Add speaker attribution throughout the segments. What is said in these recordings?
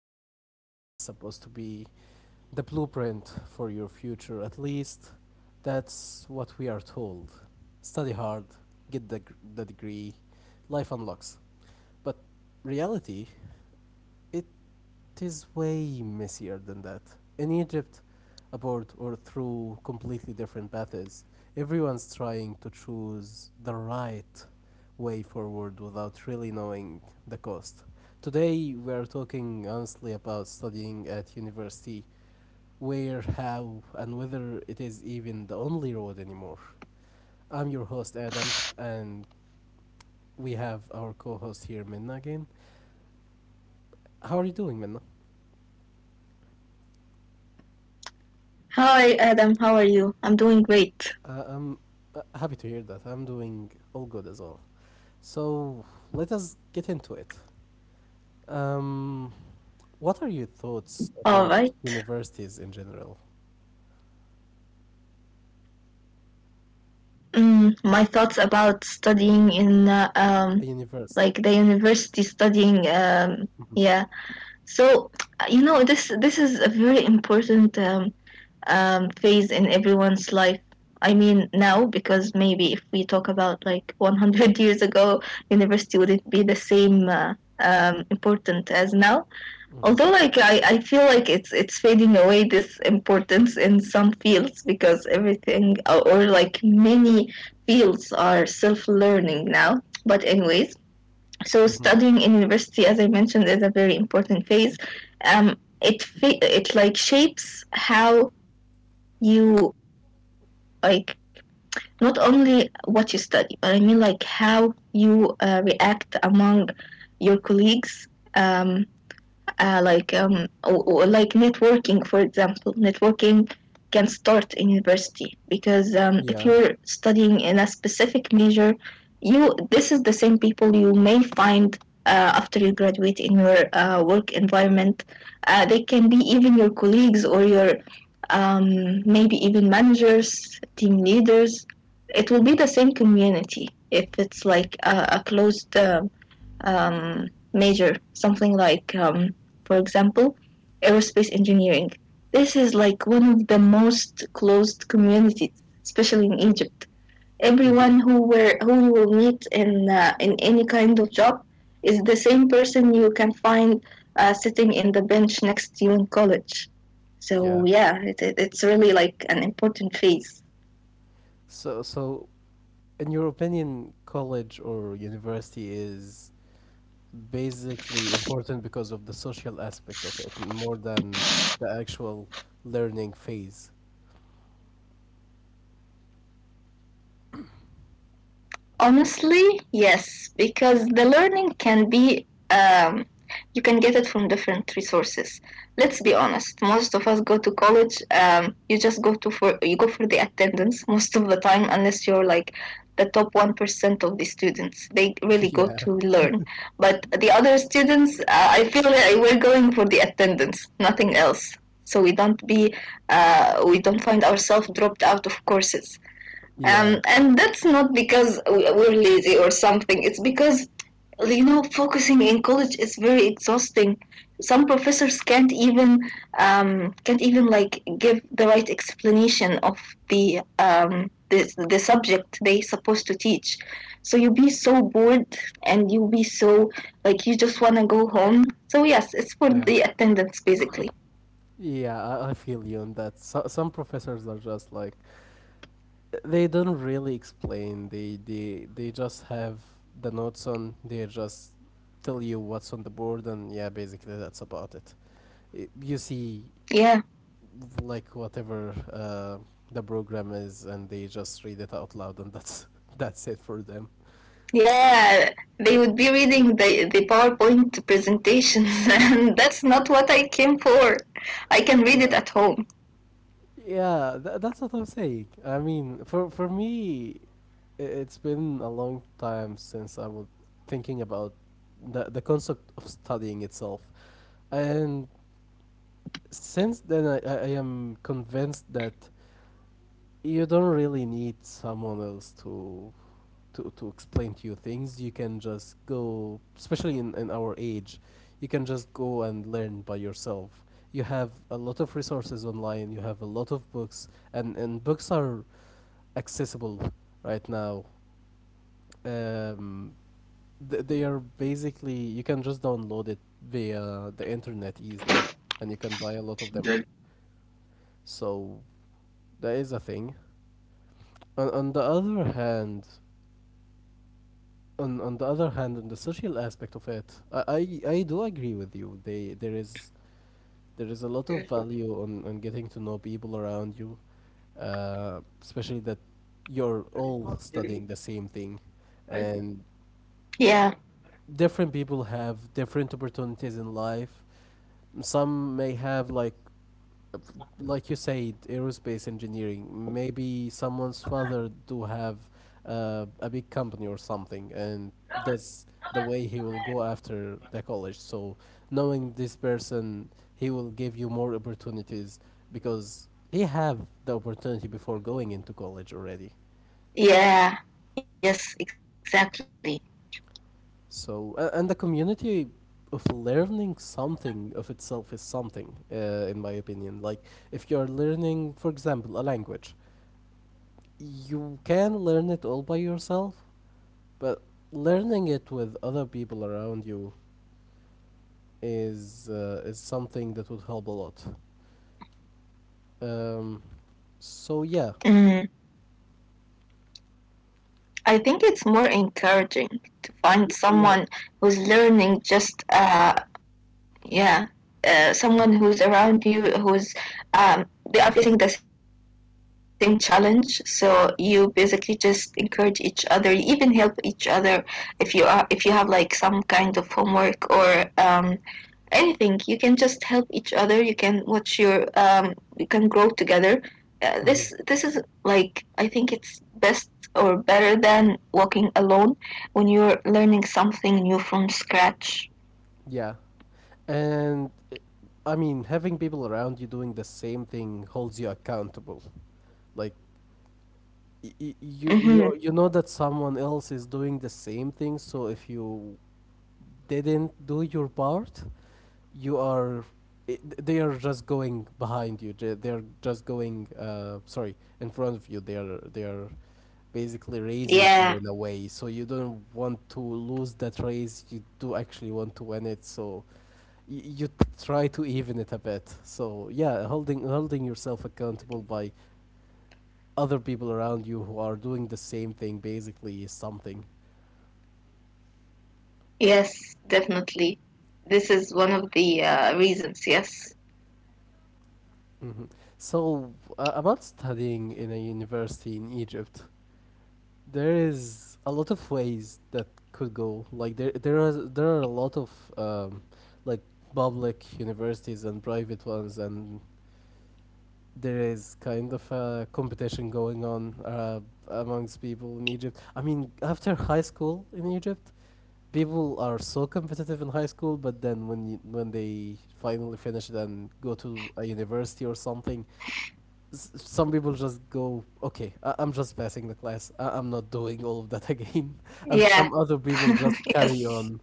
Speaker 1: University is supposed to be the blueprint for your future, at least that's what we are told. Study hard, get the degree, life unlocks. But reality, it it is way messier than that. In Egypt, aboard or through completely different paths, everyone's trying to choose the right way forward without really knowing the cost. Today, we are talking honestly about studying at university, where, how, and whether it is even the only road anymore. I'm your host, Adam, and we have our co host here, Minna, again. How are you doing, Minna?
Speaker 2: Hi Adam, how are you? I'm doing great.
Speaker 1: I'm happy to hear that. I'm doing all good as well. So let us get into it. Um, what are your thoughts about
Speaker 2: Alright.
Speaker 1: universities in general?
Speaker 2: My thoughts about studying in
Speaker 1: A
Speaker 2: like the
Speaker 1: university.
Speaker 2: university studying, yeah.
Speaker 1: Mhm,
Speaker 2: So this is a very important phase in everyone's life. I mean now, because maybe if we talk about like 100 years ago, university wouldn't be the same important as now,
Speaker 1: mhm,
Speaker 2: although like I feel like it's fading away, this importance, in some fields, because everything or like many fields are self-learning now. But anyways, so
Speaker 1: mhm.
Speaker 2: studying in university, as I mentioned, is a very important phase. It like shapes how you like not only what you study, but I mean like how you react among your colleagues. um like networking, for example, networking can start in university, because if you're
Speaker 1: Yeah.
Speaker 2: studying in a specific major, you, this is the same people you may find after you graduate in your work environment. They can be even your colleagues or your, maybe even managers, team leaders. It will be the
Speaker 1: Mhm,
Speaker 2: same community if it's like a closed, um, major, something like, for example, aerospace engineering. This is like one of the most closed communities, especially in Egypt.
Speaker 1: mhm.
Speaker 2: Everyone who were who you will meet in any kind of job is the same person you can find sitting in the bench next to you in college. So
Speaker 1: Yeah.
Speaker 2: yeah, it's really like an important phase.
Speaker 1: So, in your opinion, college or university is basically important because of the social aspect of it, more than the actual learning phase.
Speaker 2: Honestly, yes, because the learning can be, you can get it from different resources. Let's be honest. Most of us go to college. You go for the attendance most of the time, unless you're like the top 1% of the students. They really go to
Speaker 1: Yeah.
Speaker 2: learn, but the other students, I feel that we're going for the attendance, nothing else. So we don't be, we don't find ourselves dropped out of courses,
Speaker 1: Yeah.
Speaker 2: and that's not because we're lazy or something. It's because, you know, focusing in college is very exhausting. Some professors can't even, can't even like give the right explanation of the um, the, the subject they supposed to teach, so you be so bored and you be so, like, you just want to go home. So yes, it's for the
Speaker 1: Yeah.
Speaker 2: attendance, basically.
Speaker 1: Yeah, I feel you on that. So, some professors are just like they don't really explain. They just have the notes on. They just tell you what's on the board, and yeah, basically that's about it. Y- You see,
Speaker 2: Yeah.
Speaker 1: like whatever the program is, and they just read it out loud, and that's that's it for them.
Speaker 2: Yeah, they would be reading the PowerPoint presentations, and that's not what I came for. I can read
Speaker 1: Yeah.
Speaker 2: it at home.
Speaker 1: Yeah, that's what I'm saying. I mean, for me, it's been a long time since I was thinking about the concept of studying itself, and since then I am convinced that you don't really need someone else to to explain to you things. You can just go, especially in our age, you can just go and learn by yourself. You have a lot of resources online. You have a lot of books and books are accessible right now. Um, they are basically you can just download it via the internet easily, and you can buy a lot of them. So that is a thing. On, on the other hand, on the other hand, on the social aspect of it, I do agree with you. They There is there is a lot of value on getting to know people around you, especially that you're all studying the same thing, and
Speaker 2: Yeah,
Speaker 1: different people have different opportunities in life. Some may have like you said, aerospace engineering. Maybe someone's father do have a big company or something, and that's the way he will go after the college. So knowing this person, he will give you more opportunities because he have the opportunity before going into college already.
Speaker 2: yeah, yes, exactly.
Speaker 1: So, and the community of learning something of itself is something, in my opinion. Like, if you're learning, for example, a language, you can learn it all by yourself, but learning it with other people around you is something that would help a lot. Um, so yeah,
Speaker 2: Mm. I think it's more encouraging to find
Speaker 1: Yeah,
Speaker 2: someone who's learning just yeah someone who's around you who's, um they are facing the same challenge, so you basically just encourage each other, you even help each other if you are if you have like some kind of homework or, um anything, you can just help each other. You can watch your, you can grow together. This is
Speaker 1: hmm.
Speaker 2: like, I think it's best, or better than walking alone when you're learning something new from scratch.
Speaker 1: Yeah. And I mean, having people around you doing the same thing holds you accountable. Like,
Speaker 2: Mm-hmm.
Speaker 1: you know that someone else is doing the same thing, so if you didn't do your part you are they are just going behind you they're just going sorry in front of you they are basically raising you
Speaker 2: Yeah,
Speaker 1: in a way so you don't want to lose that race, you do actually want to win it. So y- you t- try to even it a bit. So yeah, holding yourself accountable by other people around you who are doing the same thing basically is something.
Speaker 2: yes, definitely. This is one of the reasons, yes.
Speaker 1: Mhm. So, about studying in a university in Egypt, there is a lot of ways that could go. Like there are a lot of um, like public universities and private ones, and there is kind of a competition going on amongst people in Egypt. I mean, after high school in Egypt, people are so competitive in high school, but then when when they finally finish it and go to a university or something, some people just go, "Okay, I'm just passing the class. I'm not doing all of that again." And some
Speaker 2: Yeah.
Speaker 1: other people just carry
Speaker 2: Yes.
Speaker 1: on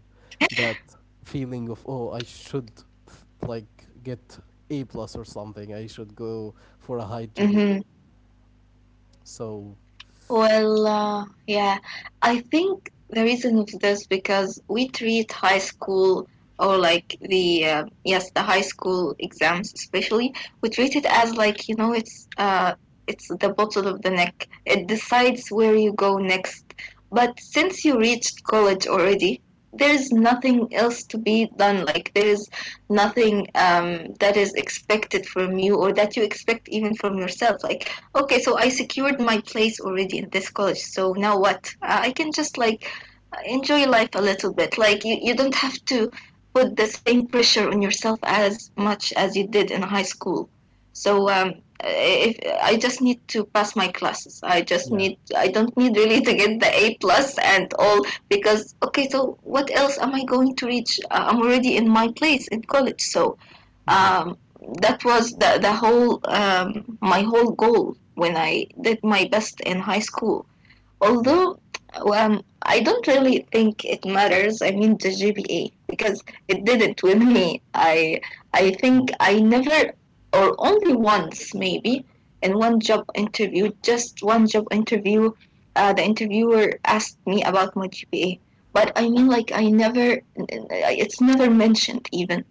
Speaker 1: that feeling of, "Oh, I should like get A plus or something. I should go for a high
Speaker 2: Mm-hmm.
Speaker 1: GPA." So
Speaker 2: Yeah, I think the reason of this, because we treat high school, or like the yes, the high school exams especially, we treat it as like, you know, it's the bottle of the neck. It decides where you go next. But since you reached college already, there's nothing else to be done. Like, there's nothing that is expected from you, or that you expect even from yourself. Like, okay, so I secured my place already in this college, so now what? I can just like enjoy life a little bit. Like, you don't have to put the same pressure on yourself as much as you did in high school. So if I just need to pass my classes,
Speaker 1: yeah,
Speaker 2: I don't need really to get the A plus and all, because okay, so what else am I going to reach? I'm already in my place in college. So
Speaker 1: hmm,
Speaker 2: um, that was the whole, my whole goal, when I did my best in high school,
Speaker 1: yeah.
Speaker 2: although, I don't really think it matters. I mean, the GPA, because it didn't with me. I think
Speaker 1: Oh.
Speaker 2: I never, or only once maybe, in one job interview, just one job interview, the interviewer asked me about my GPA. But I mean, like, I never, it's never mentioned even.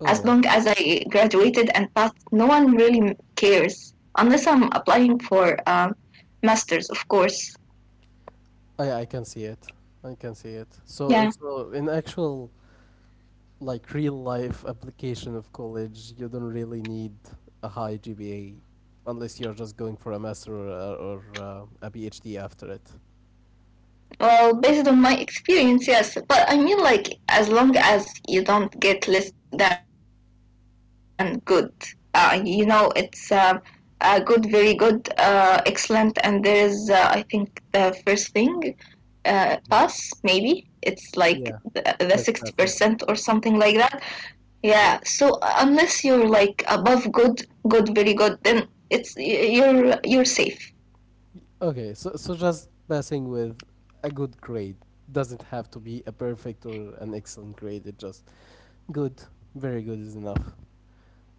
Speaker 1: Oh
Speaker 2: As
Speaker 1: yeah.
Speaker 2: long as I graduated and passed, no one really cares, unless I'm applying for masters, of course.
Speaker 1: I can see it. I can see it. So
Speaker 2: Yeah.
Speaker 1: it's so in actual like real life application of college, you don't really need a high GPA unless you're just going for a master or a PhD after it.
Speaker 2: Well, based on my experience, yes. But I mean, like, as long as you don't get less than good, you know, it's good, very good, excellent, and there is, I think, the first thing, pass, maybe.
Speaker 1: Mhm.
Speaker 2: It's like the
Speaker 1: Yeah,
Speaker 2: 60% or
Speaker 1: just
Speaker 2: something
Speaker 1: passing.
Speaker 2: like that. Yeah, so
Speaker 1: Yeah.
Speaker 2: unless you're like above good, good, very good, then it's you're safe.
Speaker 1: Okay, so so just passing with a good grade doesn't have to be a perfect or an excellent grade. It just good, very good is enough.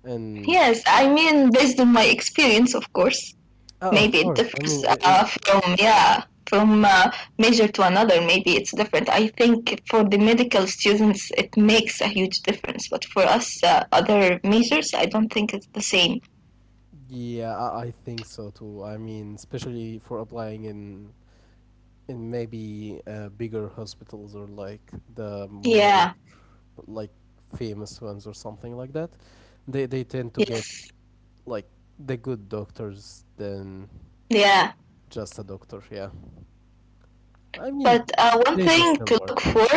Speaker 1: And
Speaker 2: Yes, I mean, based on my experience, of course.
Speaker 1: oh, of
Speaker 2: Maybe it
Speaker 1: course, I
Speaker 2: differs
Speaker 1: mean, it,
Speaker 2: from yeah from major to another. Maybe it's different. I think for the medical students it makes a huge difference, but for us, other majors, I don't think it's the same.
Speaker 1: Yeah, I think so too. I mean, especially for applying in maybe bigger hospitals or like the more
Speaker 2: Yeah.
Speaker 1: like famous ones or something like that. They tend to get
Speaker 2: Yes.
Speaker 1: like the good doctors than
Speaker 2: Yeah,
Speaker 1: just a doctor. Yeah, I mean,
Speaker 2: but one
Speaker 1: they do
Speaker 2: thing
Speaker 1: still
Speaker 2: to
Speaker 1: work.
Speaker 2: look for.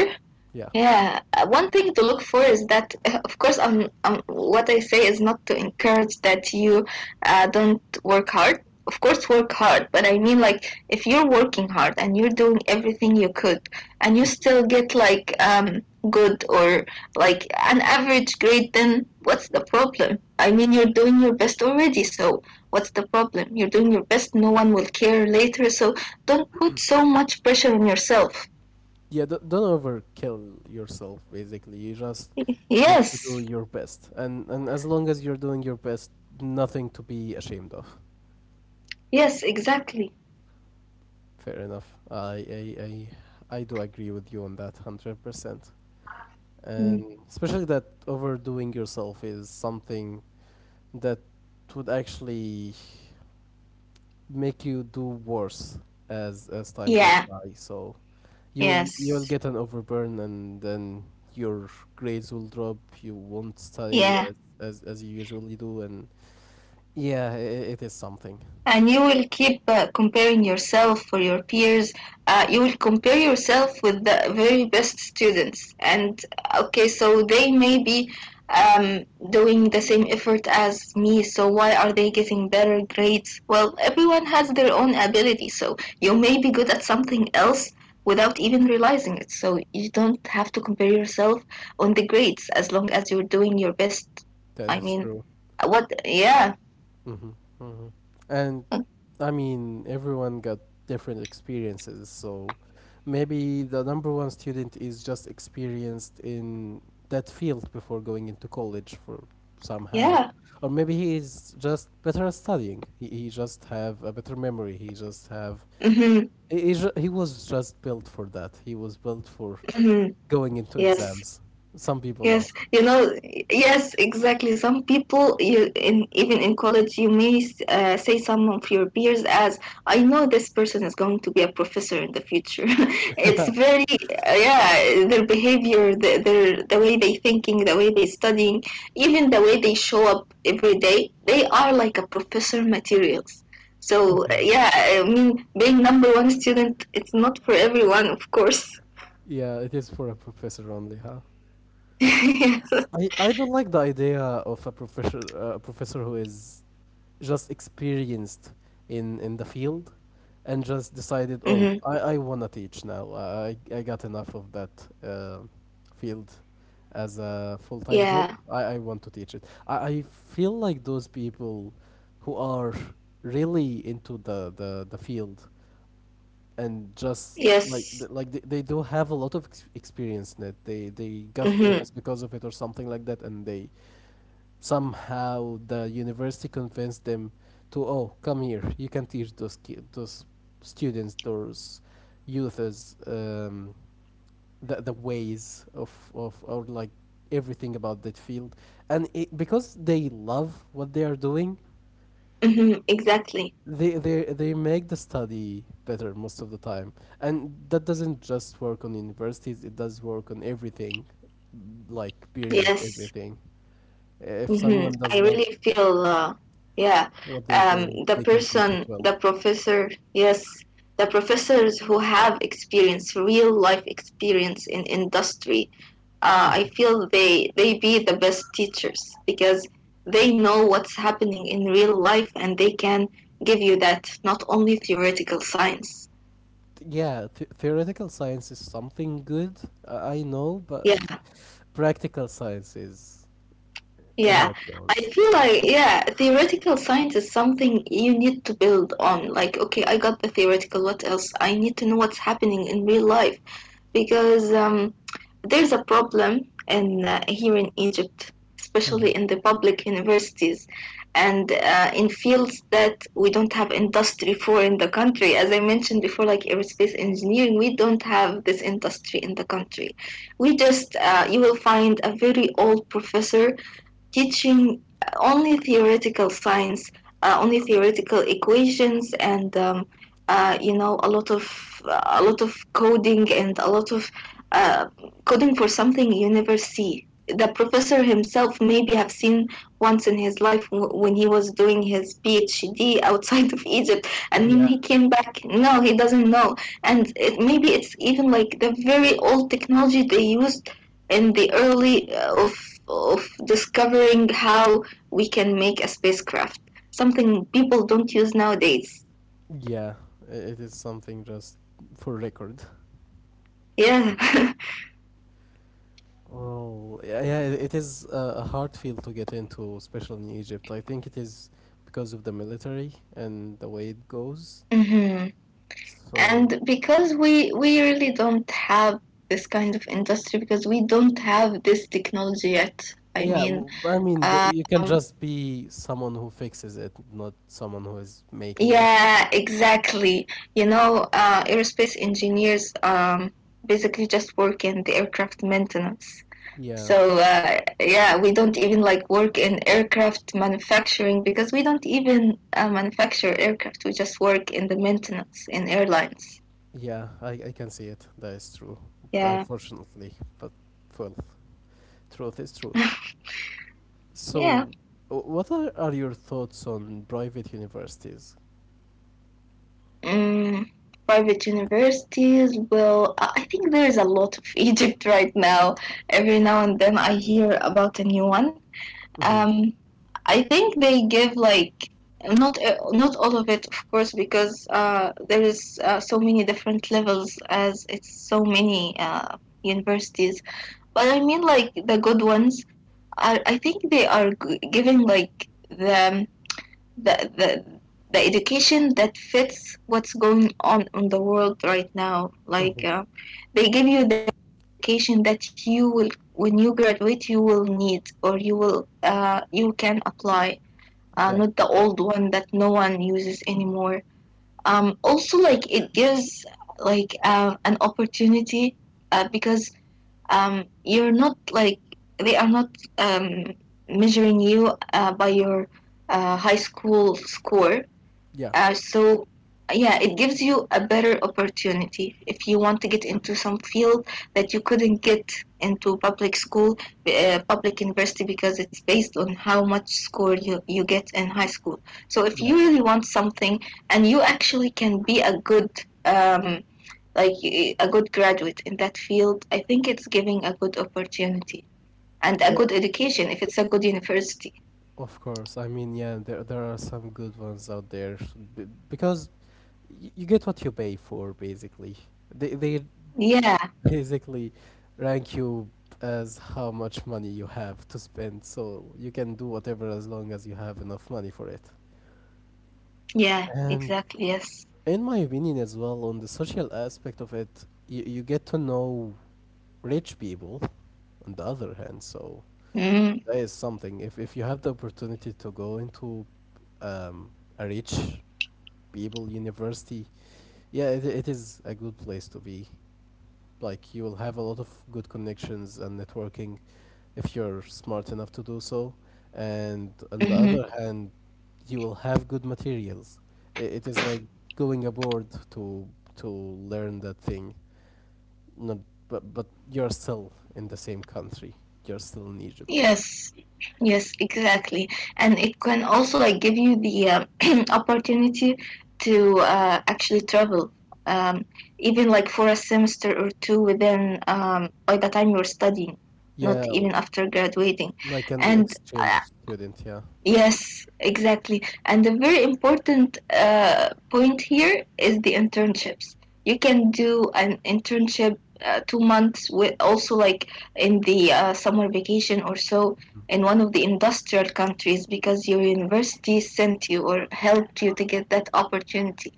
Speaker 1: Yeah,
Speaker 2: Yeah, one thing to look for is that, of course, what I say is not to encourage that you, don't work hard. Of course, work hard. But I mean, like, if you're working hard and you're doing everything you could, and you still get like, good or like an average grade, then what's the problem? I mean, you're doing your best already, so what's the problem? You're doing your best, no one will care later, so don't put so much pressure on yourself.
Speaker 1: yeah. Don't overkill yourself. Basically, you just need to do
Speaker 2: Yes.
Speaker 1: your best, and as long as you're doing your best, nothing to be ashamed of.
Speaker 2: Yes, exactly.
Speaker 1: Fair enough. I do agree with you on that 100%.
Speaker 2: Mm.
Speaker 1: And especially that overdoing yourself is something that would actually make you do worse as time goes
Speaker 2: Yeah,
Speaker 1: by. So you will
Speaker 2: yes,
Speaker 1: get an overburn and then your grades will drop. You won't study
Speaker 2: yeah.
Speaker 1: as you usually do. And yeah, it is something
Speaker 2: And you will keep, comparing yourself for your peers. You will compare yourself with the very best students and, okay, so they may be, um, doing the same effort as me, so why are they getting better grades? Well, everyone has their own ability, so you may be good at something else without even realizing it. So you don't have to compare yourself on the grades, as long as you're doing your best.
Speaker 1: that
Speaker 2: I
Speaker 1: is
Speaker 2: mean,
Speaker 1: true.
Speaker 2: what? Yeah.
Speaker 1: Hmm. Hmm. And I mean, everyone got different experiences, so maybe the number one student is just experienced in that field before going into college for somehow.
Speaker 2: Yeah.
Speaker 1: Or maybe he is just better at studying. He just have a better memory. He just have
Speaker 2: Hmm.
Speaker 1: he was just built for that. He was built for
Speaker 2: Mm,
Speaker 1: going into
Speaker 2: yes,
Speaker 1: exams. Some people are.
Speaker 2: yes, you know, yes, exactly. Some people, you, in even in college, you may, say some of your peers as, "I know this person is going to be a professor in the future." It's very, yeah, their behavior, their, the way they thinking, the way they studying, even the way they show up every day, they are like a professor materials. So
Speaker 1: Okay.
Speaker 2: yeah, I mean, being number one student, it's not for everyone, of course.
Speaker 1: Yeah, it is for a professor only, huh?
Speaker 2: Yes.
Speaker 1: I don't like the idea of a professor who is just experienced in the field and just decided oh
Speaker 2: Mm-hmm.
Speaker 1: I want to teach now, I got enough of that field as a full-time job,
Speaker 2: Yeah.
Speaker 1: I want to teach it. I feel like those people who are really into the the field and just like
Speaker 2: Yes.
Speaker 1: like they do have a lot of experience in it, they got
Speaker 2: Mhm.
Speaker 1: famous because of it or something like that, and they somehow the university convinced them to oh come here you can teach those students those youths the ways of or like everything about that field, and it, because they love what they are doing
Speaker 2: Mhm. Exactly.
Speaker 1: they make the study better most of the time, and that doesn't just work on universities it does work on everything like period
Speaker 2: Yes.
Speaker 1: everything if
Speaker 2: Mhm.
Speaker 1: someone
Speaker 2: I
Speaker 1: does love
Speaker 2: really feel. Yeah.
Speaker 1: what they do,
Speaker 2: The
Speaker 1: they can
Speaker 2: person,
Speaker 1: teach it well.
Speaker 2: the professor. Yes. The professors who have experience, real life experience in industry. I feel they be the best teachers, because they know what's happening in real life, and they can give you that, not only theoretical science.
Speaker 1: Yeah, theoretical science is something good, I know, but
Speaker 2: Yes.
Speaker 1: practical science is how
Speaker 2: Yeah,
Speaker 1: it
Speaker 2: I
Speaker 1: goes.
Speaker 2: feel like, yeah, theoretical science is something you need to build on. Like, okay, I got the theoretical. What else? I need to know what's happening in real life, because there's a problem in here in Egypt, especially
Speaker 1: Hmm.
Speaker 2: in the public universities, and in fields that we don't have industry for in the country. As I mentioned before, like aerospace engineering, we don't have this industry in the country. We just, you will find a very old professor teaching only theoretical science, only theoretical equations, and, you know, a lot of, a lot of coding and a lot of, uh, coding for something you never see. The professor himself maybe have seen once in his life, when he was doing his PhD outside of Egypt, and then
Speaker 1: Yeah,
Speaker 2: he came back. No, he doesn't know, and it, maybe it's even like the very old technology they used in the early, of discovering how we can make a spacecraft, something people don't use nowadays.
Speaker 1: yeah, it is something just for record.
Speaker 2: Yeah.
Speaker 1: Really? Oh, yeah, yeah, it is a hard field to get into, especially in Egypt. I think it is because of the military and the way it goes.
Speaker 2: Hmm.
Speaker 1: So
Speaker 2: And because we, really don't have this kind of industry, because we don't have this technology yet, I
Speaker 1: yeah,
Speaker 2: mean,
Speaker 1: I mean, there, you can
Speaker 2: um,
Speaker 1: just be someone who fixes it, not someone who is making it.
Speaker 2: yeah, exactly. You know, aerospace engineers, basically just work in the aircraft maintenance.
Speaker 1: Yeah,
Speaker 2: So yeah, we don't even like work in aircraft manufacturing, because we don't even manufacture aircraft. We just work in the maintenance in airlines.
Speaker 1: yeah, I can see it. That is true.
Speaker 2: Yeah,
Speaker 1: Unfortunately, but well, truth is truth.
Speaker 2: yeah.
Speaker 1: So, what are your thoughts on private universities?
Speaker 2: Mm, private universities. Well, I think there is a lot of Egypt right now. Every now and then I hear about a new one.
Speaker 1: Mm-hmm.
Speaker 2: Um, I think they give like not all of it, of course, because there is so many different levels as it's so many universities. But I mean, like the good ones are. I think they are giving like the the education that fits what's going on in the world right now.
Speaker 1: Mm-hmm.
Speaker 2: Like they give you the education that you will when you graduate you will need or you will you can apply
Speaker 1: Yeah,
Speaker 2: not the old one that no one uses anymore. Also, like it gives like an opportunity because you're not like they are not measuring you by your high school score,
Speaker 1: yeah,
Speaker 2: so yeah, it gives you a better opportunity if you want to get into some field that you couldn't get into public school, public university because it's based on how much score you get in high school. So if
Speaker 1: yeah,
Speaker 2: you really want something and you actually can be a good um, like a good graduate in that field, I think it's giving a good opportunity and a
Speaker 1: yeah.
Speaker 2: good education if it's a good university.
Speaker 1: Of course. I mean, yeah, there are some good ones out there because you get what you pay for, basically. They
Speaker 2: Yeah,
Speaker 1: basically rank you as how much money you have to spend so you can do whatever as long as you have enough money for it,
Speaker 2: yeah,
Speaker 1: and
Speaker 2: exactly. Yes.
Speaker 1: in my opinion as well on the social aspect of it you get to know rich people on the other hand, so
Speaker 2: Mm-hmm.
Speaker 1: that is something. If you have the opportunity to go into um, a rich people university, yeah it is a good place to be, like you will have a lot of good connections and networking if you're smart enough to do so. And on the other hand, you will have good materials. It is like going abroad to to learn that thing. Not, but you're still in the same country. You're still in Egypt.
Speaker 2: Yes, yes, exactly. And it can also like give you the opportunity to actually travel, um, even like for a semester or two within by the time you're studying,
Speaker 1: Yeah,
Speaker 2: not even after graduating.
Speaker 1: like an
Speaker 2: And
Speaker 1: exchange student. Yeah.
Speaker 2: yes, exactly. And the very important point here is the internships. You can do an internship 2 months with also like in the summer vacation or so in one of the industrial countries because your university sent you or helped you to get that opportunity.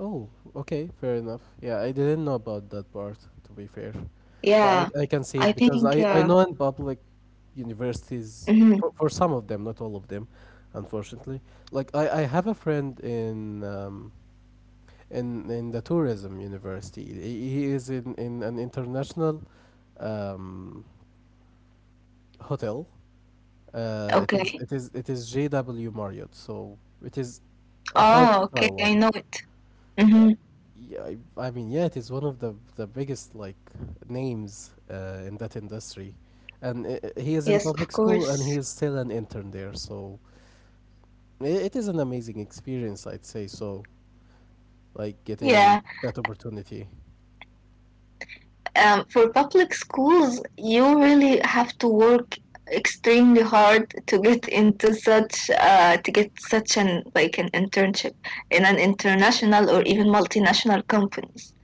Speaker 1: Oh, okay, fair enough. Yeah, I didn't know about that part, to be fair. But
Speaker 2: Yeah,
Speaker 1: I can see
Speaker 2: I
Speaker 1: it because
Speaker 2: think.
Speaker 1: I know in public universities,
Speaker 2: Mhm,
Speaker 1: for some of them, not all of them, unfortunately. Like, I have a friend in, in the tourism university. He is in an international um, hotel. It is
Speaker 2: okay.
Speaker 1: it is it is JW Marriott, so it is a five
Speaker 2: Oh, okay.
Speaker 1: star
Speaker 2: I
Speaker 1: one.
Speaker 2: know it. Hmm.
Speaker 1: Yeah, yeah, it is one of the biggest like names in that industry, and he is
Speaker 2: Yes,
Speaker 1: in
Speaker 2: of
Speaker 1: public school and
Speaker 2: course.
Speaker 1: he is still an intern there. So I it is an amazing experience, I'd say. So like getting
Speaker 2: Yeah.
Speaker 1: that opportunity,
Speaker 2: For public schools, you really have to work extremely hard to get into such to get such an like an internship in an international or even multinational companies.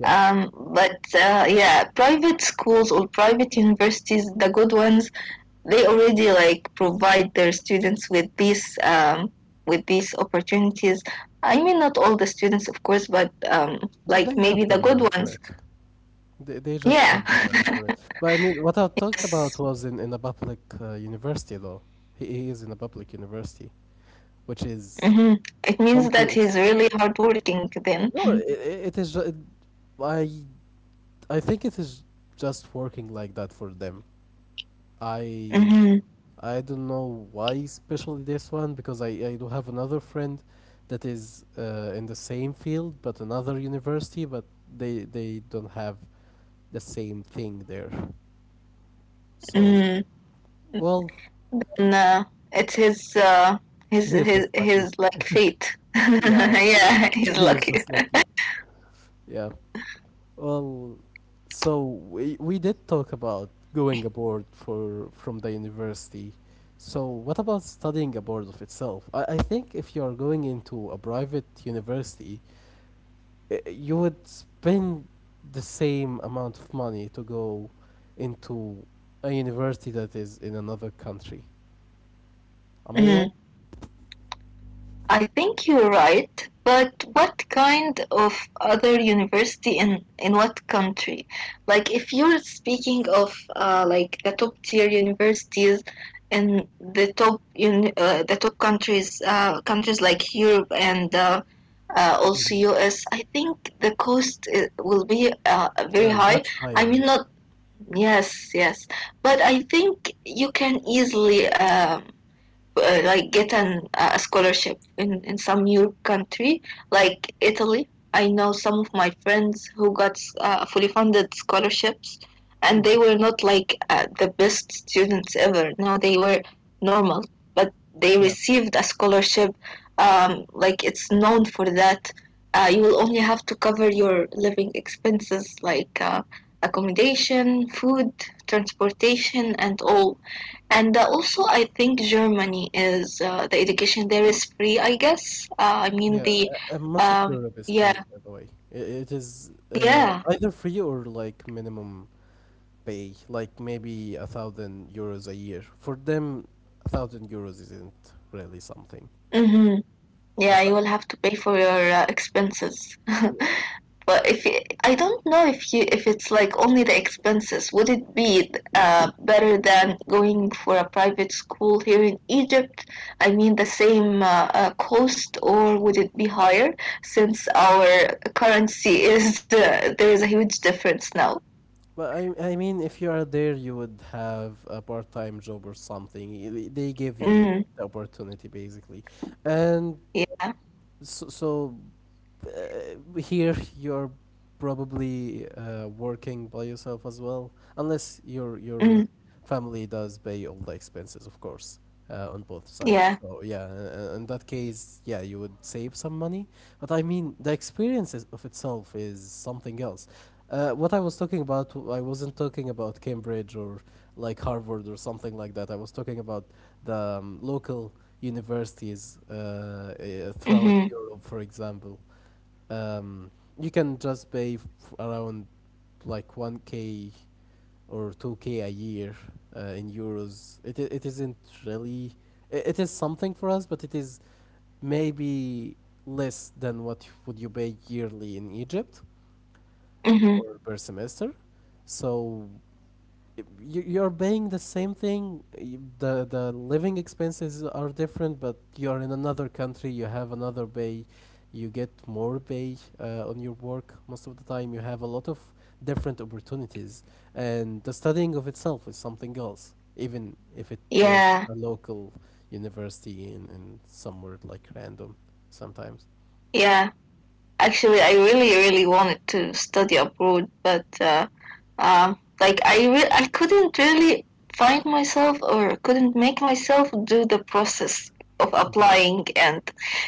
Speaker 1: yeah.
Speaker 2: But yeah, private schools or private universities, the good ones, they already like provide their students with these opportunities. I mean, not all the students, of course, but like
Speaker 1: They
Speaker 2: maybe
Speaker 1: have the
Speaker 2: the good
Speaker 1: money for
Speaker 2: ones.
Speaker 1: it. They just have the money
Speaker 2: Yeah.
Speaker 1: for it. But I mean, what I talked about was in a public university though. He is in a public university, which is
Speaker 2: Mm-hmm. It means that
Speaker 1: something.
Speaker 2: he's really hardworking then.
Speaker 1: No, it is. Ju- I I think it is just working like that for them. I
Speaker 2: Mm-hmm.
Speaker 1: I don't know why, especially this one, because I do have another friend that is in the same field but another university, but they don't have the same thing there. So
Speaker 2: Mm.
Speaker 1: well,
Speaker 2: Nah, it's his, his,
Speaker 1: he is just
Speaker 2: his,
Speaker 1: lucky.
Speaker 2: his like fate.
Speaker 1: Yeah,
Speaker 2: Yeah, he's
Speaker 1: he is
Speaker 2: lucky.
Speaker 1: just lucky. Yeah. Well, so we did talk about going abroad for from the university. So what about studying abroad of itself? I think if you are going into a private university, you would spend the same amount of money to go into a university that is in another country. Am I wrong?
Speaker 2: Mm. I think you're right, but what kind of other university in what country? Like if you're speaking of like the top tier universities in the top countries countries like Europe and also
Speaker 1: Mhm.
Speaker 2: US, I think the cost will be very high.
Speaker 1: Much
Speaker 2: I
Speaker 1: higher,
Speaker 2: mean
Speaker 1: yeah.
Speaker 2: not Yes, yes, but I think you can easily like get an a scholarship in some new country like Italy. I know some of my friends who got fully funded scholarships, and they
Speaker 1: Mhm.
Speaker 2: were not like the best students ever. No, they were normal, but they received a scholarship. Like it's known for that. You will only have to cover your living expenses like accommodation, food, transportation, and all and also, I think Germany is the education there is free, I guess. I mean,
Speaker 1: Yeah,
Speaker 2: the
Speaker 1: and most of Europe is
Speaker 2: yeah,
Speaker 1: free, by the way. It is
Speaker 2: yeah,
Speaker 1: either free or like minimum pay, like maybe €1,000 a year. For them, €1,000 isn't really something.
Speaker 2: mm-hmm. Yeah,
Speaker 1: As I-
Speaker 2: you will have to pay for your expenses.
Speaker 1: yeah,
Speaker 2: But if you, I don't know if you if it's like only the expenses, would it be better than going for a private school here in Egypt? I mean, the same cost, or would it be higher since our currency is there is a huge difference now?
Speaker 1: but I mean, if you are there, you would have a part-time job or something. They give
Speaker 2: Mm,
Speaker 1: you the opportunity basically, and
Speaker 2: yeah.
Speaker 1: so here you're probably working by yourself as well, unless your
Speaker 2: Mm,
Speaker 1: your family does pay all the expenses, of course, on both
Speaker 2: yeah.
Speaker 1: sides. So yeah, in that case, yeah, you would save some money. But I mean, the experiences of itself is something else. What I was talking about, I wasn't talking about Cambridge or like Harvard or something like that. I was talking about the local universities throughout
Speaker 2: Mhm.
Speaker 1: Europe, for example um, you can just pay around like 1k or 2k a year in euros, it isn't really it is something for us but it is maybe less than what would you pay yearly in Egypt,
Speaker 2: Mhm.
Speaker 1: or per semester. So you're paying the same thing, the living expenses are different but you're in another country, you have another pay, you get more pay on your work most of the time, you have a lot of different opportunities and the studying of itself is something else, even if it was
Speaker 2: Yeah.
Speaker 1: a local university in somewhere like random sometimes.
Speaker 2: Yeah. Actually, I really, really wanted to study abroad, but like I couldn't really find myself or couldn't make myself do the process of
Speaker 1: Mhm.
Speaker 2: applying, and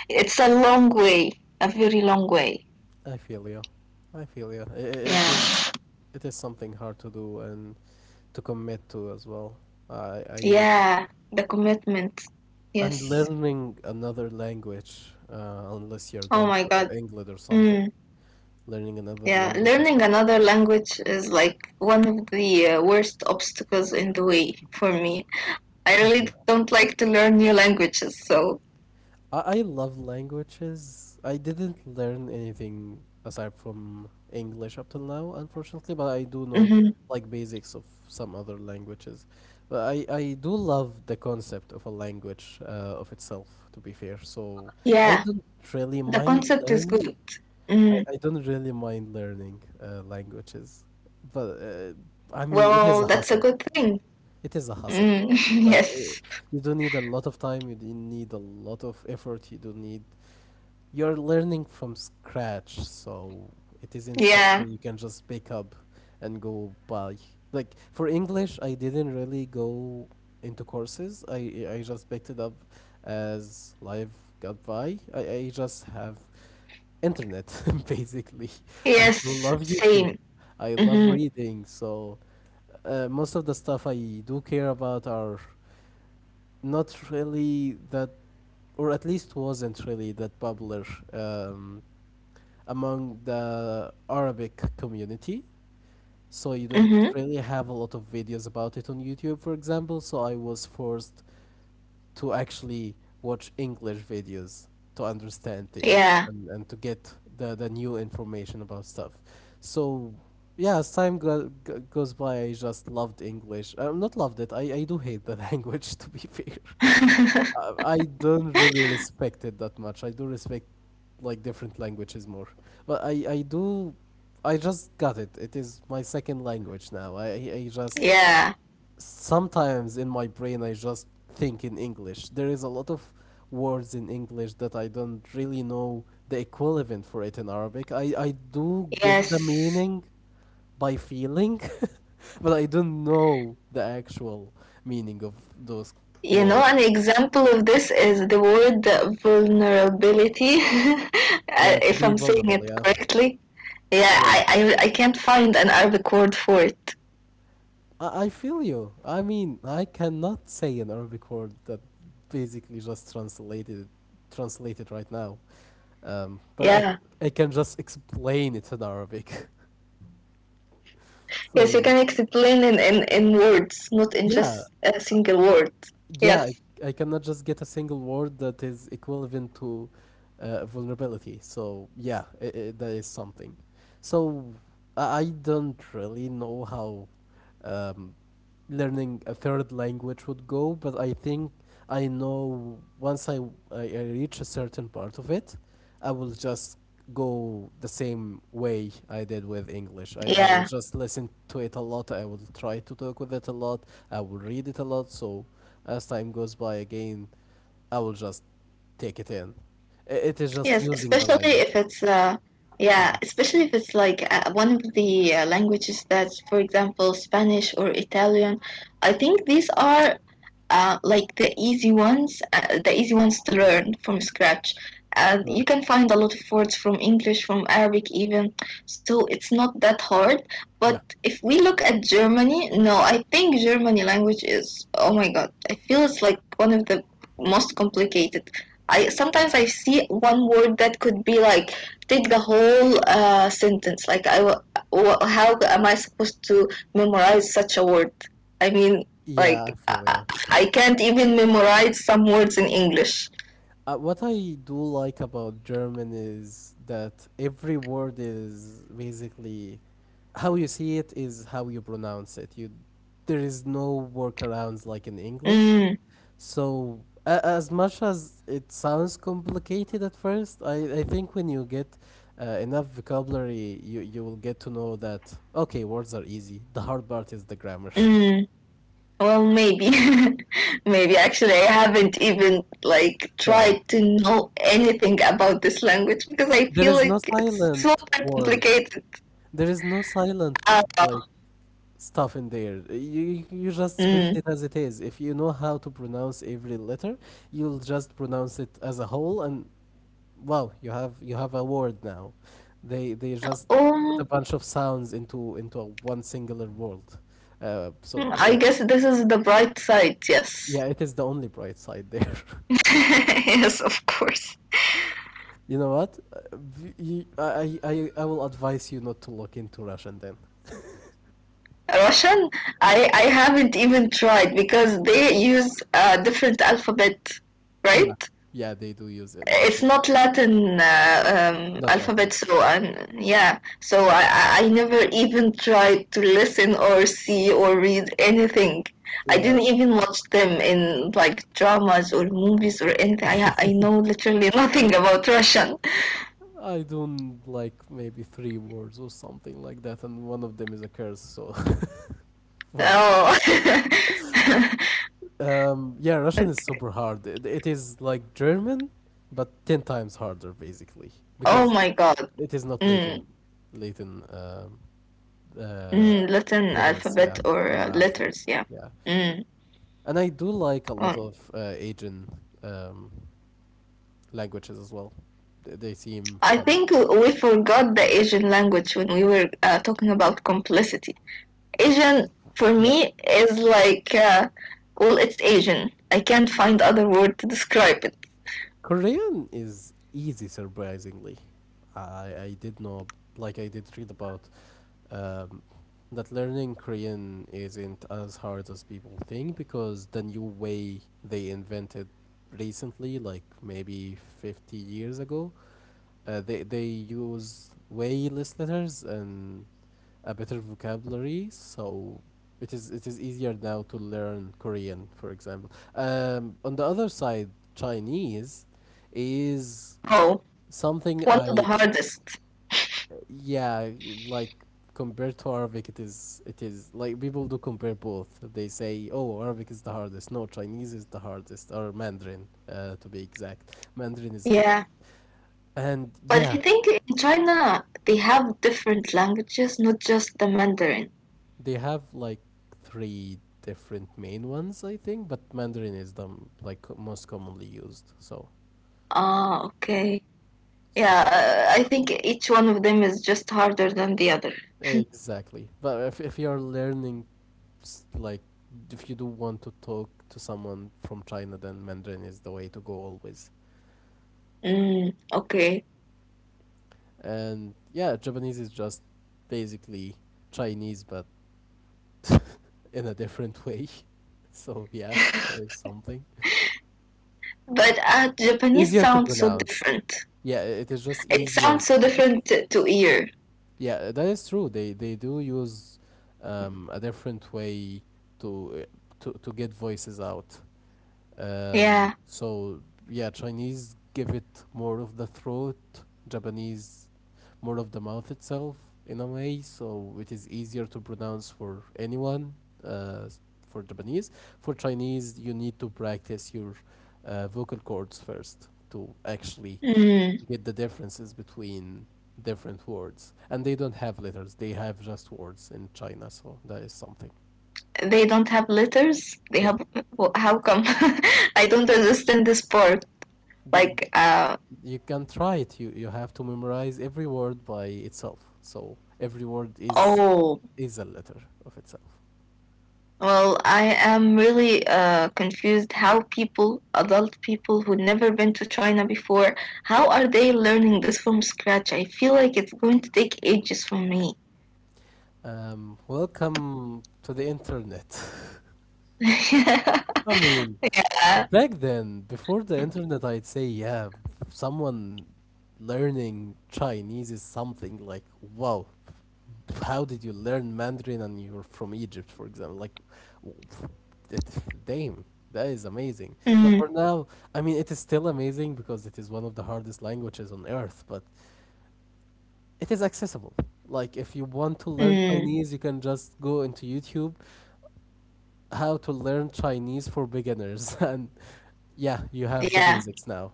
Speaker 2: it's a long way, a very long way.
Speaker 1: I feel you. I feel you. It is
Speaker 2: Yeah.
Speaker 1: it is something hard to do and to commit to as well. I
Speaker 2: Yeah. The commitment.
Speaker 1: and
Speaker 2: Yes.
Speaker 1: learning another language, unless you're
Speaker 2: Oh
Speaker 1: going
Speaker 2: my
Speaker 1: for
Speaker 2: God.
Speaker 1: English or something.
Speaker 2: Mm.
Speaker 1: Learning another
Speaker 2: Yeah,
Speaker 1: language is
Speaker 2: learning
Speaker 1: something
Speaker 2: another
Speaker 1: else.
Speaker 2: language is like one of the worst obstacles in the way for me.
Speaker 1: I
Speaker 2: I
Speaker 1: feel.
Speaker 2: really
Speaker 1: That.
Speaker 2: don't like to learn new languages, so
Speaker 1: I love languages. I didn't learn anything aside from English up till now, unfortunately, but I do know
Speaker 2: mhm.
Speaker 1: like basics of some other languages. But I do love the concept of a language of itself, to be fair. So I
Speaker 2: Yeah,
Speaker 1: don't really
Speaker 2: the
Speaker 1: mind
Speaker 2: concept is
Speaker 1: learning.
Speaker 2: good. Mm.
Speaker 1: I don't really mind learning languages, but I mean, it is
Speaker 2: Well,
Speaker 1: a
Speaker 2: that's a
Speaker 1: hustle.
Speaker 2: good thing.
Speaker 1: It is a hustle,
Speaker 2: Mm.
Speaker 1: though. Like, it,
Speaker 2: Yes,
Speaker 1: you do need a lot of time, you do need a lot of effort, you do need you're learning from scratch, so it isn't
Speaker 2: yeah,
Speaker 1: something you can just pick up and go buy. Like for English, I didn't really go into courses. I just picked it up as life got by. I just have internet basically. I do
Speaker 2: yes,
Speaker 1: love YouTube.
Speaker 2: same.
Speaker 1: I love
Speaker 2: Mm-hmm.
Speaker 1: reading, so most of the stuff I do care about are not really that, or at least wasn't really that popular um, among the Arabic community. So you don't
Speaker 2: Mm-hmm.
Speaker 1: really have a lot of videos about it on YouTube, for example. So I was forced to actually watch English videos to understand things
Speaker 2: Yeah,
Speaker 1: and to get the new information about stuff. So yeah, as time goes by, I just loved English. Not loved it. I do hate the language, to be fair. I don't really respect it that much. I do respect like different languages more, but I do I just got it. It is my second language now. I just
Speaker 2: yeah,
Speaker 1: sometimes in my brain I just think in English. There is a lot of words in English that I don't really know the equivalent for it in Arabic. I do get the
Speaker 2: yes.
Speaker 1: meaning by feeling, but I don't know the actual meaning of those
Speaker 2: You know, an
Speaker 1: words.
Speaker 2: example of this is the word vulnerability,
Speaker 1: Yeah, to
Speaker 2: if
Speaker 1: be
Speaker 2: I'm saying
Speaker 1: vulnerable,
Speaker 2: it
Speaker 1: yeah.
Speaker 2: correctly. Yeah,
Speaker 1: Yeah.
Speaker 2: I, I, I can't find an Arabic word for it.
Speaker 1: I feel you. I mean, I cannot say an Arabic word that basically just translated right now. But
Speaker 2: Yeah.
Speaker 1: I can just explain it in Arabic.
Speaker 2: Yes, you
Speaker 1: So,
Speaker 2: can explain in words, not in
Speaker 1: yeah,
Speaker 2: just a single word.
Speaker 1: yeah,
Speaker 2: Yes.
Speaker 1: I cannot just get a single word that is equivalent to vulnerability. So yeah, I that is something. So I don't really know how um, learning a third language would go, but I think I know once I reach a certain part of it, I will just go the same way I did with English. I will
Speaker 2: Yeah.
Speaker 1: just listen to it a lot. I will try to talk with it a lot. I will read it a lot. So as time goes by again, I will just take it in. It is just
Speaker 2: Yes,
Speaker 1: using the
Speaker 2: especially
Speaker 1: language.
Speaker 2: if it's yeah, especially if it's like one of the languages that's, for example, Spanish or Italian. I think these are like the easy ones to
Speaker 1: Mhm.
Speaker 2: learn from scratch.
Speaker 1: Sure.
Speaker 2: You can find a lot of words from English, from Arabic, even. So it's not that hard.
Speaker 1: Yeah.
Speaker 2: But if we look at Germany, no, I think Germany language is, oh my God, I feel it's like one of the most complicated I sometimes
Speaker 1: Yeah.
Speaker 2: I see one word that could be like take the whole sentence. Like I, how am I supposed to memorize such a word? I mean,
Speaker 1: Yeah, I
Speaker 2: like I,
Speaker 1: feel
Speaker 2: I
Speaker 1: you.
Speaker 2: I can't even memorize some words in English.
Speaker 1: What I do like about German is that every word is basically how you see it is how you pronounce it. You there is no workarounds like in English.
Speaker 2: Mm,
Speaker 1: So a as much as it sounds complicated at first, I think when you get enough vocabulary, you will get to know that okay, words are easy. The hard part is the grammar.
Speaker 2: mm. Well, maybe, maybe actually I haven't even like
Speaker 1: Right.
Speaker 2: tried to know anything about this language because I
Speaker 1: There
Speaker 2: feel
Speaker 1: is no
Speaker 2: like it's
Speaker 1: silent
Speaker 2: super
Speaker 1: words.
Speaker 2: complicated.
Speaker 1: There is no silent like
Speaker 2: Uh,
Speaker 1: stuff in there. You just read
Speaker 2: mm.
Speaker 1: it as it is. If you know how to pronounce every letter, you'll just pronounce it as a whole and wow, you have a word now. They just put a
Speaker 2: Um,
Speaker 1: bunch of sounds into a one singular word. So
Speaker 2: I
Speaker 1: yeah,
Speaker 2: guess this is the bright side, yes.
Speaker 1: yeah, it is the only bright side there.
Speaker 2: Yes, of course.
Speaker 1: you know what? V- you, I will advise you not to look into Russian then.
Speaker 2: Russian, I haven't even tried because they use a different alphabet,
Speaker 1: Yeah,
Speaker 2: right?
Speaker 1: yeah, they do use it. This
Speaker 2: It's
Speaker 1: is tough.
Speaker 2: not Latin
Speaker 1: Not Latin,
Speaker 2: alphabet,
Speaker 1: yeah.
Speaker 2: so yeah. So I never even tried to listen or see or read anything. I
Speaker 1: Yeah,
Speaker 2: didn't even watch them in like dramas or movies or anything. I know literally nothing about Russian.
Speaker 1: I don't like maybe three words or something like that, and one of them is a curse. So, well,
Speaker 2: Oh.
Speaker 1: yeah, Russian is
Speaker 2: Okay.
Speaker 1: super hard. It is like German, but ten times harder basically
Speaker 2: Oh
Speaker 1: because
Speaker 2: my God.
Speaker 1: it is not
Speaker 2: Mm.
Speaker 1: Latin, Latin um, uh,
Speaker 2: Mm. Latin
Speaker 1: letters. Yeah,
Speaker 2: alphabet or
Speaker 1: our alphabet.
Speaker 2: letters, yeah.
Speaker 1: Yeah,
Speaker 2: Mm.
Speaker 1: and I do like a lot
Speaker 2: Oh.
Speaker 1: of Asian um, languages as well. They seem
Speaker 2: I
Speaker 1: fun.
Speaker 2: think we forgot the Asian language when we were talking about complicity. Asian for
Speaker 1: Yeah.
Speaker 2: me is like, well, it's Asian. I can't find other word to describe it.
Speaker 1: Korean is easy, surprisingly. I did know, like, I did read about um, that learning Korean isn't as hard as people think because the new way they invented recently, like maybe 50 years ago, they use way less letters and a better vocabulary, so it is easier now to learn Korean, for example. On the other side, Chinese is
Speaker 2: Oh,
Speaker 1: something
Speaker 2: one of the
Speaker 1: I,
Speaker 2: hardest.
Speaker 1: yeah, like compared to Arabic, it is like people do compare both. They say, oh, Arabic is the hardest. No, Chinese is the hardest, or Mandarin, to be exact. Mandarin is hard,
Speaker 2: Yeah.
Speaker 1: and
Speaker 2: But I
Speaker 1: yeah.
Speaker 2: think in China they have different languages, not just the Mandarin.
Speaker 1: They have like three different main ones, I think, but Mandarin is the like most commonly used. So
Speaker 2: Ah, okay. Yeah,
Speaker 1: That,
Speaker 2: I think each one of them is just harder than the other.
Speaker 1: exactly. But if you're learning, like if you do want to talk to someone from China, then Mandarin is the way to go always.
Speaker 2: Mm, okay.
Speaker 1: And yeah, Japanese is just basically Chinese, but in a different way. So yeah, that is something
Speaker 2: But Japanese
Speaker 1: easier to
Speaker 2: sounds so
Speaker 1: pronounce.
Speaker 2: different.
Speaker 1: Yeah, it is just
Speaker 2: It
Speaker 1: easier
Speaker 2: sounds
Speaker 1: to
Speaker 2: so
Speaker 1: pronounce.
Speaker 2: different to ear.
Speaker 1: Yeah, that is true. They do use a different way to to get voices out.
Speaker 2: Yeah.
Speaker 1: So yeah, Chinese give it more of the throat, Japanese more of the mouth itself in a way, so it is easier to pronounce for anyone. Uh, s- for Japanese, for Chinese, you need to practice your vocal cords first to actually
Speaker 2: Mm.
Speaker 1: get the differences between different words. And they don't have letters; they have just words in China. So that is something.
Speaker 2: They don't have letters. They
Speaker 1: Yeah,
Speaker 2: have. Well, how come? I don't understand this part.
Speaker 1: they
Speaker 2: Like,
Speaker 1: you can try it. You have to memorize every word by itself. So every word is
Speaker 2: oh,
Speaker 1: is a letter of itself.
Speaker 2: well, I am really confused how people, adult people who never been to China before, how are they learning this from scratch? I feel like it's going to take ages for me.
Speaker 1: Welcome to the internet.
Speaker 2: Yeah.
Speaker 1: I mean, back then, before the internet, I'd say, yeah, someone learning Chinese is something like, wow, how did you learn Mandarin and you're from Egypt, for example? Like, w- it, damn, that is amazing. But
Speaker 2: Mm,
Speaker 1: for now, I mean, it is still amazing because it is one of the hardest languages on earth, but it is accessible. Like, if you want to learn
Speaker 2: mm,
Speaker 1: Chinese, you can just go into YouTube, how to learn Chinese for beginners, and yeah, you have the
Speaker 2: yeah.
Speaker 1: basics now.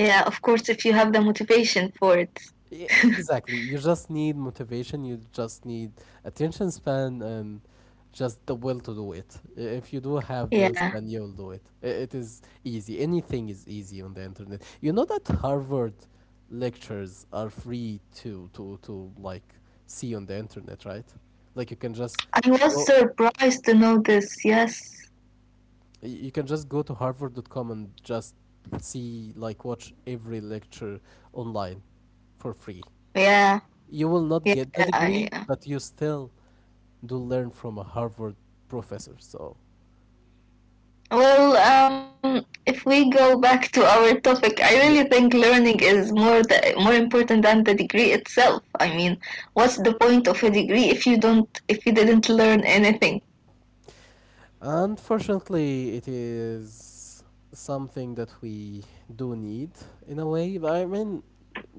Speaker 2: Yeah, of course, if you have the motivation for it.
Speaker 1: E- Exactly. You just need motivation, you just need attention span and just the will to do it. If you do have those,
Speaker 2: Yeah.
Speaker 1: then you'll do it. It is easy. Anything is easy on the internet. You know that Harvard lectures are free to like see on the internet, right? Like you can just
Speaker 2: I was
Speaker 1: go
Speaker 2: surprised to know this. Yes.
Speaker 1: go to Harvard.com and just see like watch every lecture online for free.
Speaker 2: Yeah.
Speaker 1: You will not
Speaker 2: Yeah.
Speaker 1: get the
Speaker 2: Yeah.
Speaker 1: degree,
Speaker 2: Yeah.
Speaker 1: but you still do learn from a Harvard professor. So,
Speaker 2: Well, if we go back to our topic, I really
Speaker 1: yeah.
Speaker 2: think learning is more the, more important than the degree itself. I mean, what's the point of a degree if you don't if you didn't learn anything?
Speaker 1: Unfortunately, it is something that we do need in a way. But I mean,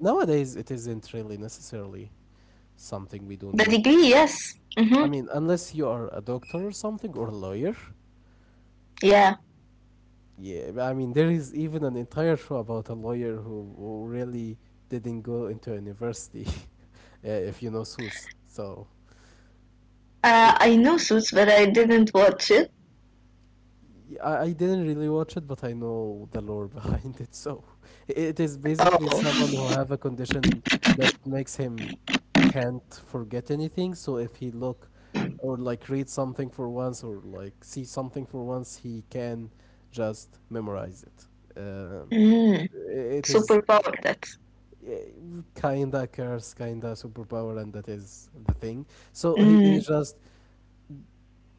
Speaker 1: nowadays it isn't really necessarily something we do
Speaker 2: The
Speaker 1: need.
Speaker 2: degree,
Speaker 1: Like,
Speaker 2: yes.
Speaker 1: I
Speaker 2: Mm-hmm.
Speaker 1: mean, unless you are a doctor or something or a lawyer.
Speaker 2: Yeah.
Speaker 1: Yeah, but I mean, there is even an entire show about a lawyer who really didn't go into university, if you know Suits. So, uh,
Speaker 2: I know Suits, but I didn't watch it.
Speaker 1: I didn't really watch it, but I know the lore behind it. So it is basically someone
Speaker 2: Oh.
Speaker 1: who have a condition that makes him can't forget anything. So if he look or like read something for once or like see something for once, he can just memorize it. Um
Speaker 2: Mm.
Speaker 1: it is
Speaker 2: Superpower. That's.
Speaker 1: eh, kinda curse, kinda superpower, and that is the thing. So he
Speaker 2: Mm.
Speaker 1: just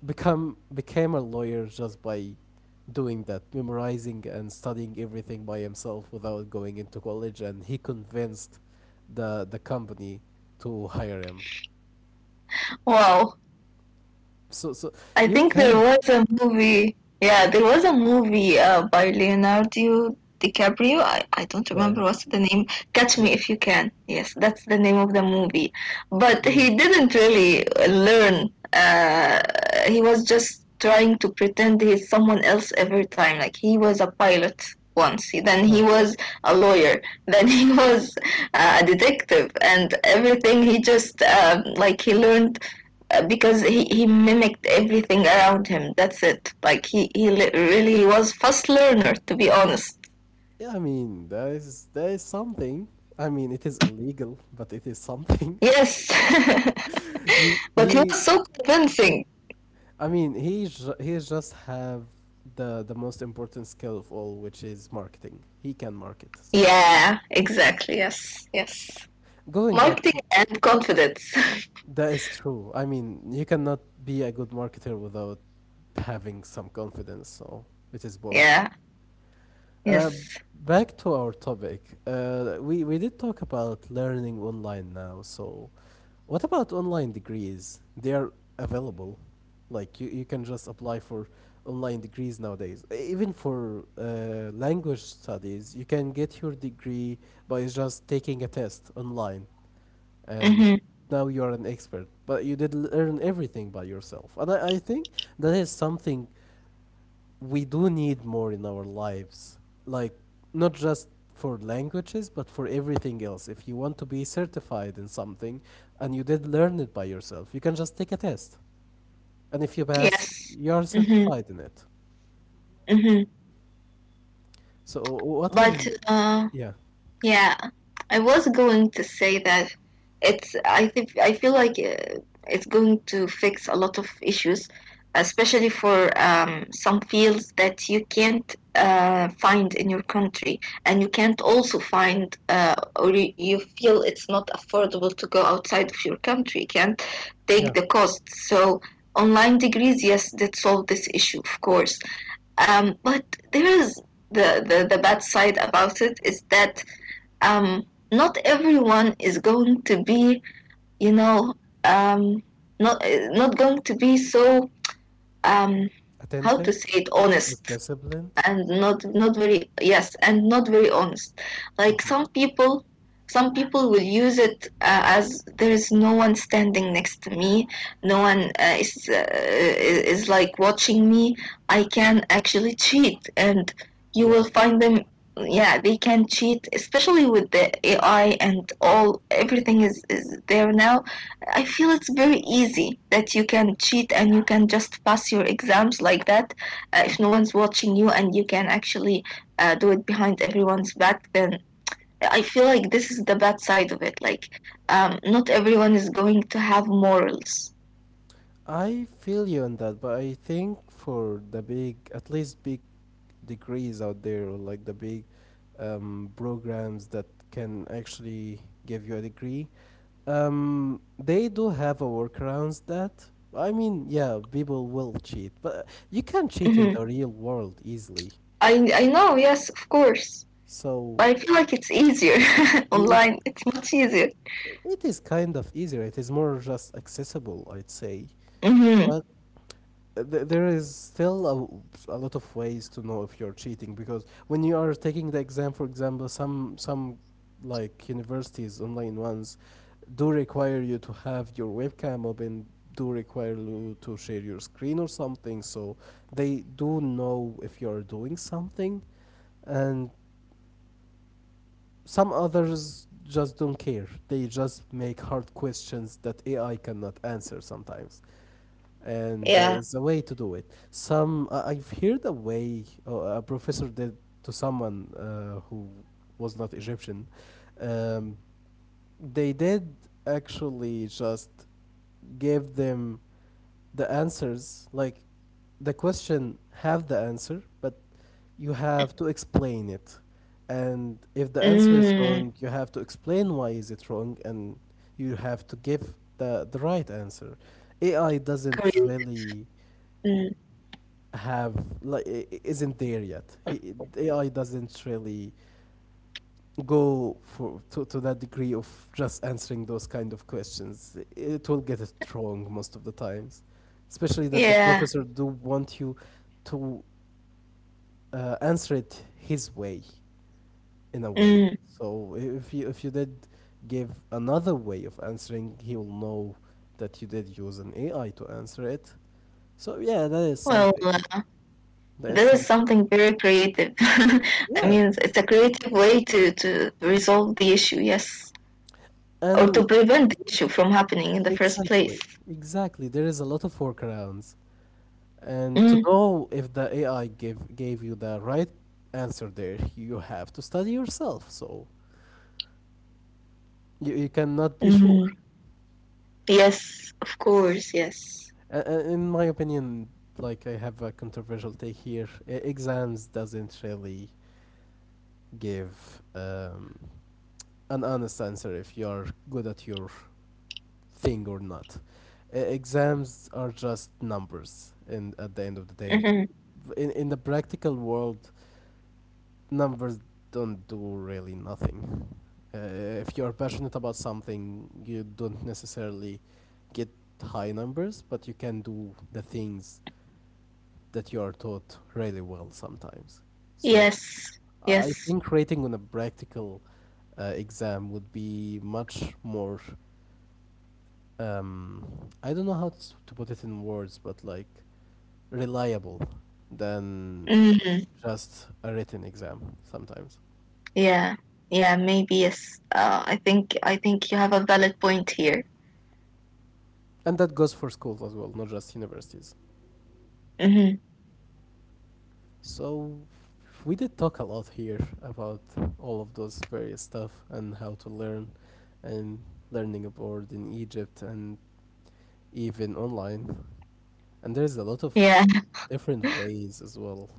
Speaker 1: become became a lawyer just by doing that, memorizing and studying everything by himself without going into college, and he convinced the company to hire him.
Speaker 2: Wow.
Speaker 1: So
Speaker 2: I
Speaker 1: you
Speaker 2: think there
Speaker 1: can.
Speaker 2: was a movie. Yeah, there was a movie by Leonardo DiCaprio. I don't
Speaker 1: Yeah, yeah,
Speaker 2: remember what's the name. Catch Me
Speaker 1: yeah.
Speaker 2: If You Can. Yes, that's the name of the movie. But
Speaker 1: Whoa.
Speaker 2: he didn't really learn. He was just trying to pretend he's someone else every time. Like he was a pilot once, then he
Speaker 1: Oh, yeah,
Speaker 2: was a lawyer, then he was a detective, and everything he just like he learned because he mimicked everything around him. That's it. Like he really was fast learner to be honest.
Speaker 1: yeah. I mean that is something. I mean it is illegal, but it is something.
Speaker 2: Yes,
Speaker 1: you
Speaker 2: but he
Speaker 1: he
Speaker 2: was so convincing.
Speaker 1: I mean he just have the most important skill of all, which is marketing. He can market so.
Speaker 2: Yeah, exactly. Yes, yes.
Speaker 1: Going back
Speaker 2: Marketing
Speaker 1: to
Speaker 2: and confidence.
Speaker 1: That is true. I mean, you cannot be a good marketer without having some confidence, so it is both.
Speaker 2: Yeah.
Speaker 1: Uh,
Speaker 2: Yes.
Speaker 1: Back to our topic. We did talk about learning online now. So, what about online degrees? They are available. Like you can just apply for online degrees nowadays. Even for language studies, you can get your degree by just taking a test online, and
Speaker 2: Mhm.
Speaker 1: now you are an expert, but you did learn everything by yourself. And I think that is something we do need more in our lives, like not just for languages but for everything else. If you want to be certified in something and you did learn it by yourself, you can just take a test, and if you pass,
Speaker 2: Yes.
Speaker 1: you are
Speaker 2: Mhm.
Speaker 1: certified in it.
Speaker 2: Mhm.
Speaker 1: So what are
Speaker 2: But
Speaker 1: you? Yeah,
Speaker 2: yeah, I was going to say that it's. I think I feel like it's going to fix a lot of issues, especially for some fields that you can't find in your country, and you can't also find, or you feel it's not affordable to go outside of your country. You can't
Speaker 1: yeah.
Speaker 2: take the cost. So online degrees, yes, that solve this issue, of course. But there is the bad side about it is that not everyone is going to be you know um not going to be so um how to
Speaker 1: Attentive
Speaker 2: say it
Speaker 1: or
Speaker 2: honest
Speaker 1: disciplined.
Speaker 2: and not very honest like
Speaker 1: Hmm.
Speaker 2: some people will use it as there is no one standing next to me no one is like watching me I can actually cheat and you will
Speaker 1: Yeah,
Speaker 2: find them yeah they can cheat especially with the AI and all everything is there now I feel it's very easy that you can cheat and you can just pass your exams like that, if no one's watching you and you can actually do it behind everyone's back then I feel like this is the bad side of it like not everyone is going to have morals.
Speaker 1: I feel you on that, but I think for the big, at least big degrees out there, or like the big programs that can actually give you a degree, they do have a workarounds that. I mean, yeah, people will cheat, but you can cheat in
Speaker 2: Hmm.
Speaker 1: the real world easily.
Speaker 2: I know yes of course but
Speaker 1: So
Speaker 2: I feel like it's easier
Speaker 1: it
Speaker 2: online it's much easier.
Speaker 1: it is kind of easier. It is more just accessible, I'd say.
Speaker 2: Hmm
Speaker 1: But there is still a lot of ways to know if you're cheating, because when you are taking the exam, for example, some like universities, online ones, do require you to have your webcam open, do require you to share your screen or something, so they do know if you are doing something. And some others just don't care; they just make hard questions that AI cannot answer sometimes. And there
Speaker 2: yeah
Speaker 1: is a way to do it. Some I've heard a way, a professor did to someone, who was not Egyptian. Um, they did actually just give them the answers, like the question have the answer, but you have to explain it. And if the answer is
Speaker 2: mm,
Speaker 1: wrong, you have to explain why is it wrong, and you have to give the right answer. AI doesn't
Speaker 2: creative.
Speaker 1: really
Speaker 2: Mm,
Speaker 1: have like I- isn't there yet. The AI doesn't really go for to that degree of just answering those kind of questions. It will get it wrong most of the times, especially that the
Speaker 2: yeah
Speaker 1: professor do want you to answer it his way, in a way.
Speaker 2: mm.
Speaker 1: So if you did give another way of answering, he will know that you did use an AI to answer it. So yeah, that is
Speaker 2: Well,
Speaker 1: something. That is
Speaker 2: this is
Speaker 1: something.
Speaker 2: something very creative I
Speaker 1: Yeah,
Speaker 2: mean it's a creative way to, to resolve the issue yes or to
Speaker 1: and
Speaker 2: prevent the issue from happening in the first place.
Speaker 1: Exactly, exactly. There is a lot of workarounds, and to
Speaker 2: Mm.
Speaker 1: know if the AI gave you the right answer there, you have to study yourself. So you cannot be sure.
Speaker 2: Mm. Yes, of course, yes.
Speaker 1: In my opinion, like I have a controversial take here, exams doesn't really give an honest answer if you are good at your thing or not. Exams are just numbers, and at the end of the day,
Speaker 2: Hmm.
Speaker 1: in the practical world, numbers don't do really nothing. If you're passionate about something, you don't necessarily get high numbers, but you can do the things that you are taught really well sometimes. So
Speaker 2: Yes,
Speaker 1: I
Speaker 2: yes.
Speaker 1: think rating on a practical exam would be much more. Um, I don't know how to put it in words, but like reliable than
Speaker 2: Hmm.
Speaker 1: just a written exam sometimes.
Speaker 2: Yeah, yeah, maybe yes. I think you have a valid point here.
Speaker 1: And that goes for schools as well, not just universities.
Speaker 2: Hmm.
Speaker 1: So we did talk a lot here about all of those various stuff and how to learn and learning abroad in Egypt and even online. And there's a lot of
Speaker 2: Yeah,
Speaker 1: different ways as well.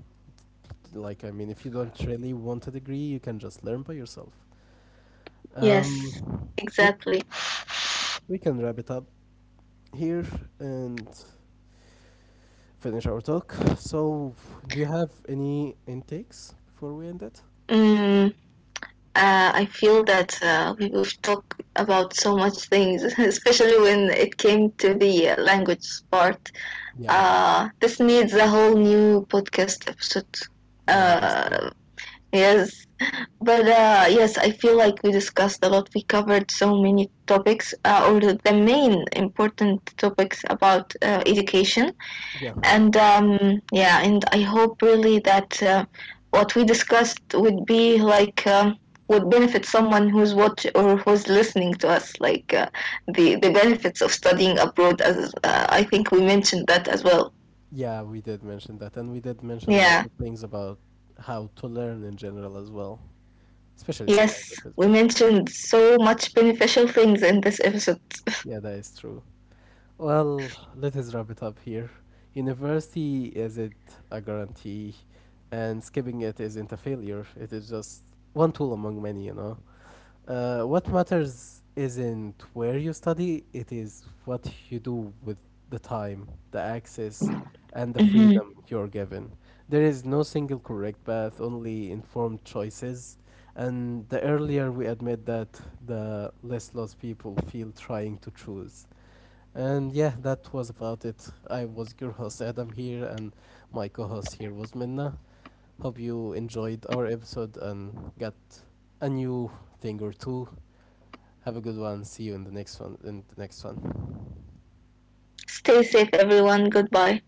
Speaker 1: Like I mean, if you don't really want a degree, you can just learn by yourself.
Speaker 2: yes,
Speaker 1: Um, we
Speaker 2: exactly.
Speaker 1: we can wrap it up here and finish our talk. So, do you have any intakes before we end it?
Speaker 2: Mm. I feel that we've talked about so much things, especially when it came to the language part.
Speaker 1: Yeah,
Speaker 2: This needs a whole new podcast episode.
Speaker 1: yeah, that is true.
Speaker 2: Uh, yes, but yes, I feel like we discussed a lot. We covered so many topics, or the main important topics about education.
Speaker 1: Yeah.
Speaker 2: And yeah, and I hope really that what we discussed would be like. Would benefit someone who's watch or who's listening to us like the benefits of studying abroad as I think we mentioned that as well.
Speaker 1: Yeah, we did mention that, and we did mention a lot
Speaker 2: Yeah.
Speaker 1: of things about how to learn in general as well, especially for
Speaker 2: Yes,
Speaker 1: languages.
Speaker 2: we
Speaker 1: But yeah,
Speaker 2: mentioned so much beneficial things in this episode.
Speaker 1: yeah, that is true. Well, let us wrap it up here. University isn't a guarantee, and skipping it isn't a failure. It is just one tool among many. What matters isn't where you study, it is what you do with the time, the access, and the
Speaker 2: Hmm.
Speaker 1: freedom you're given. There is no single correct path, only informed choices. And the earlier we admit that, the less lost people feel trying to choose. And yeah, that was about it. I was your host Adam here, and my co host here was Minna. Hope you enjoyed our episode and got a new thing or two have a good one. See you in the next one. In the next one.
Speaker 2: Stay safe, everyone. Goodbye.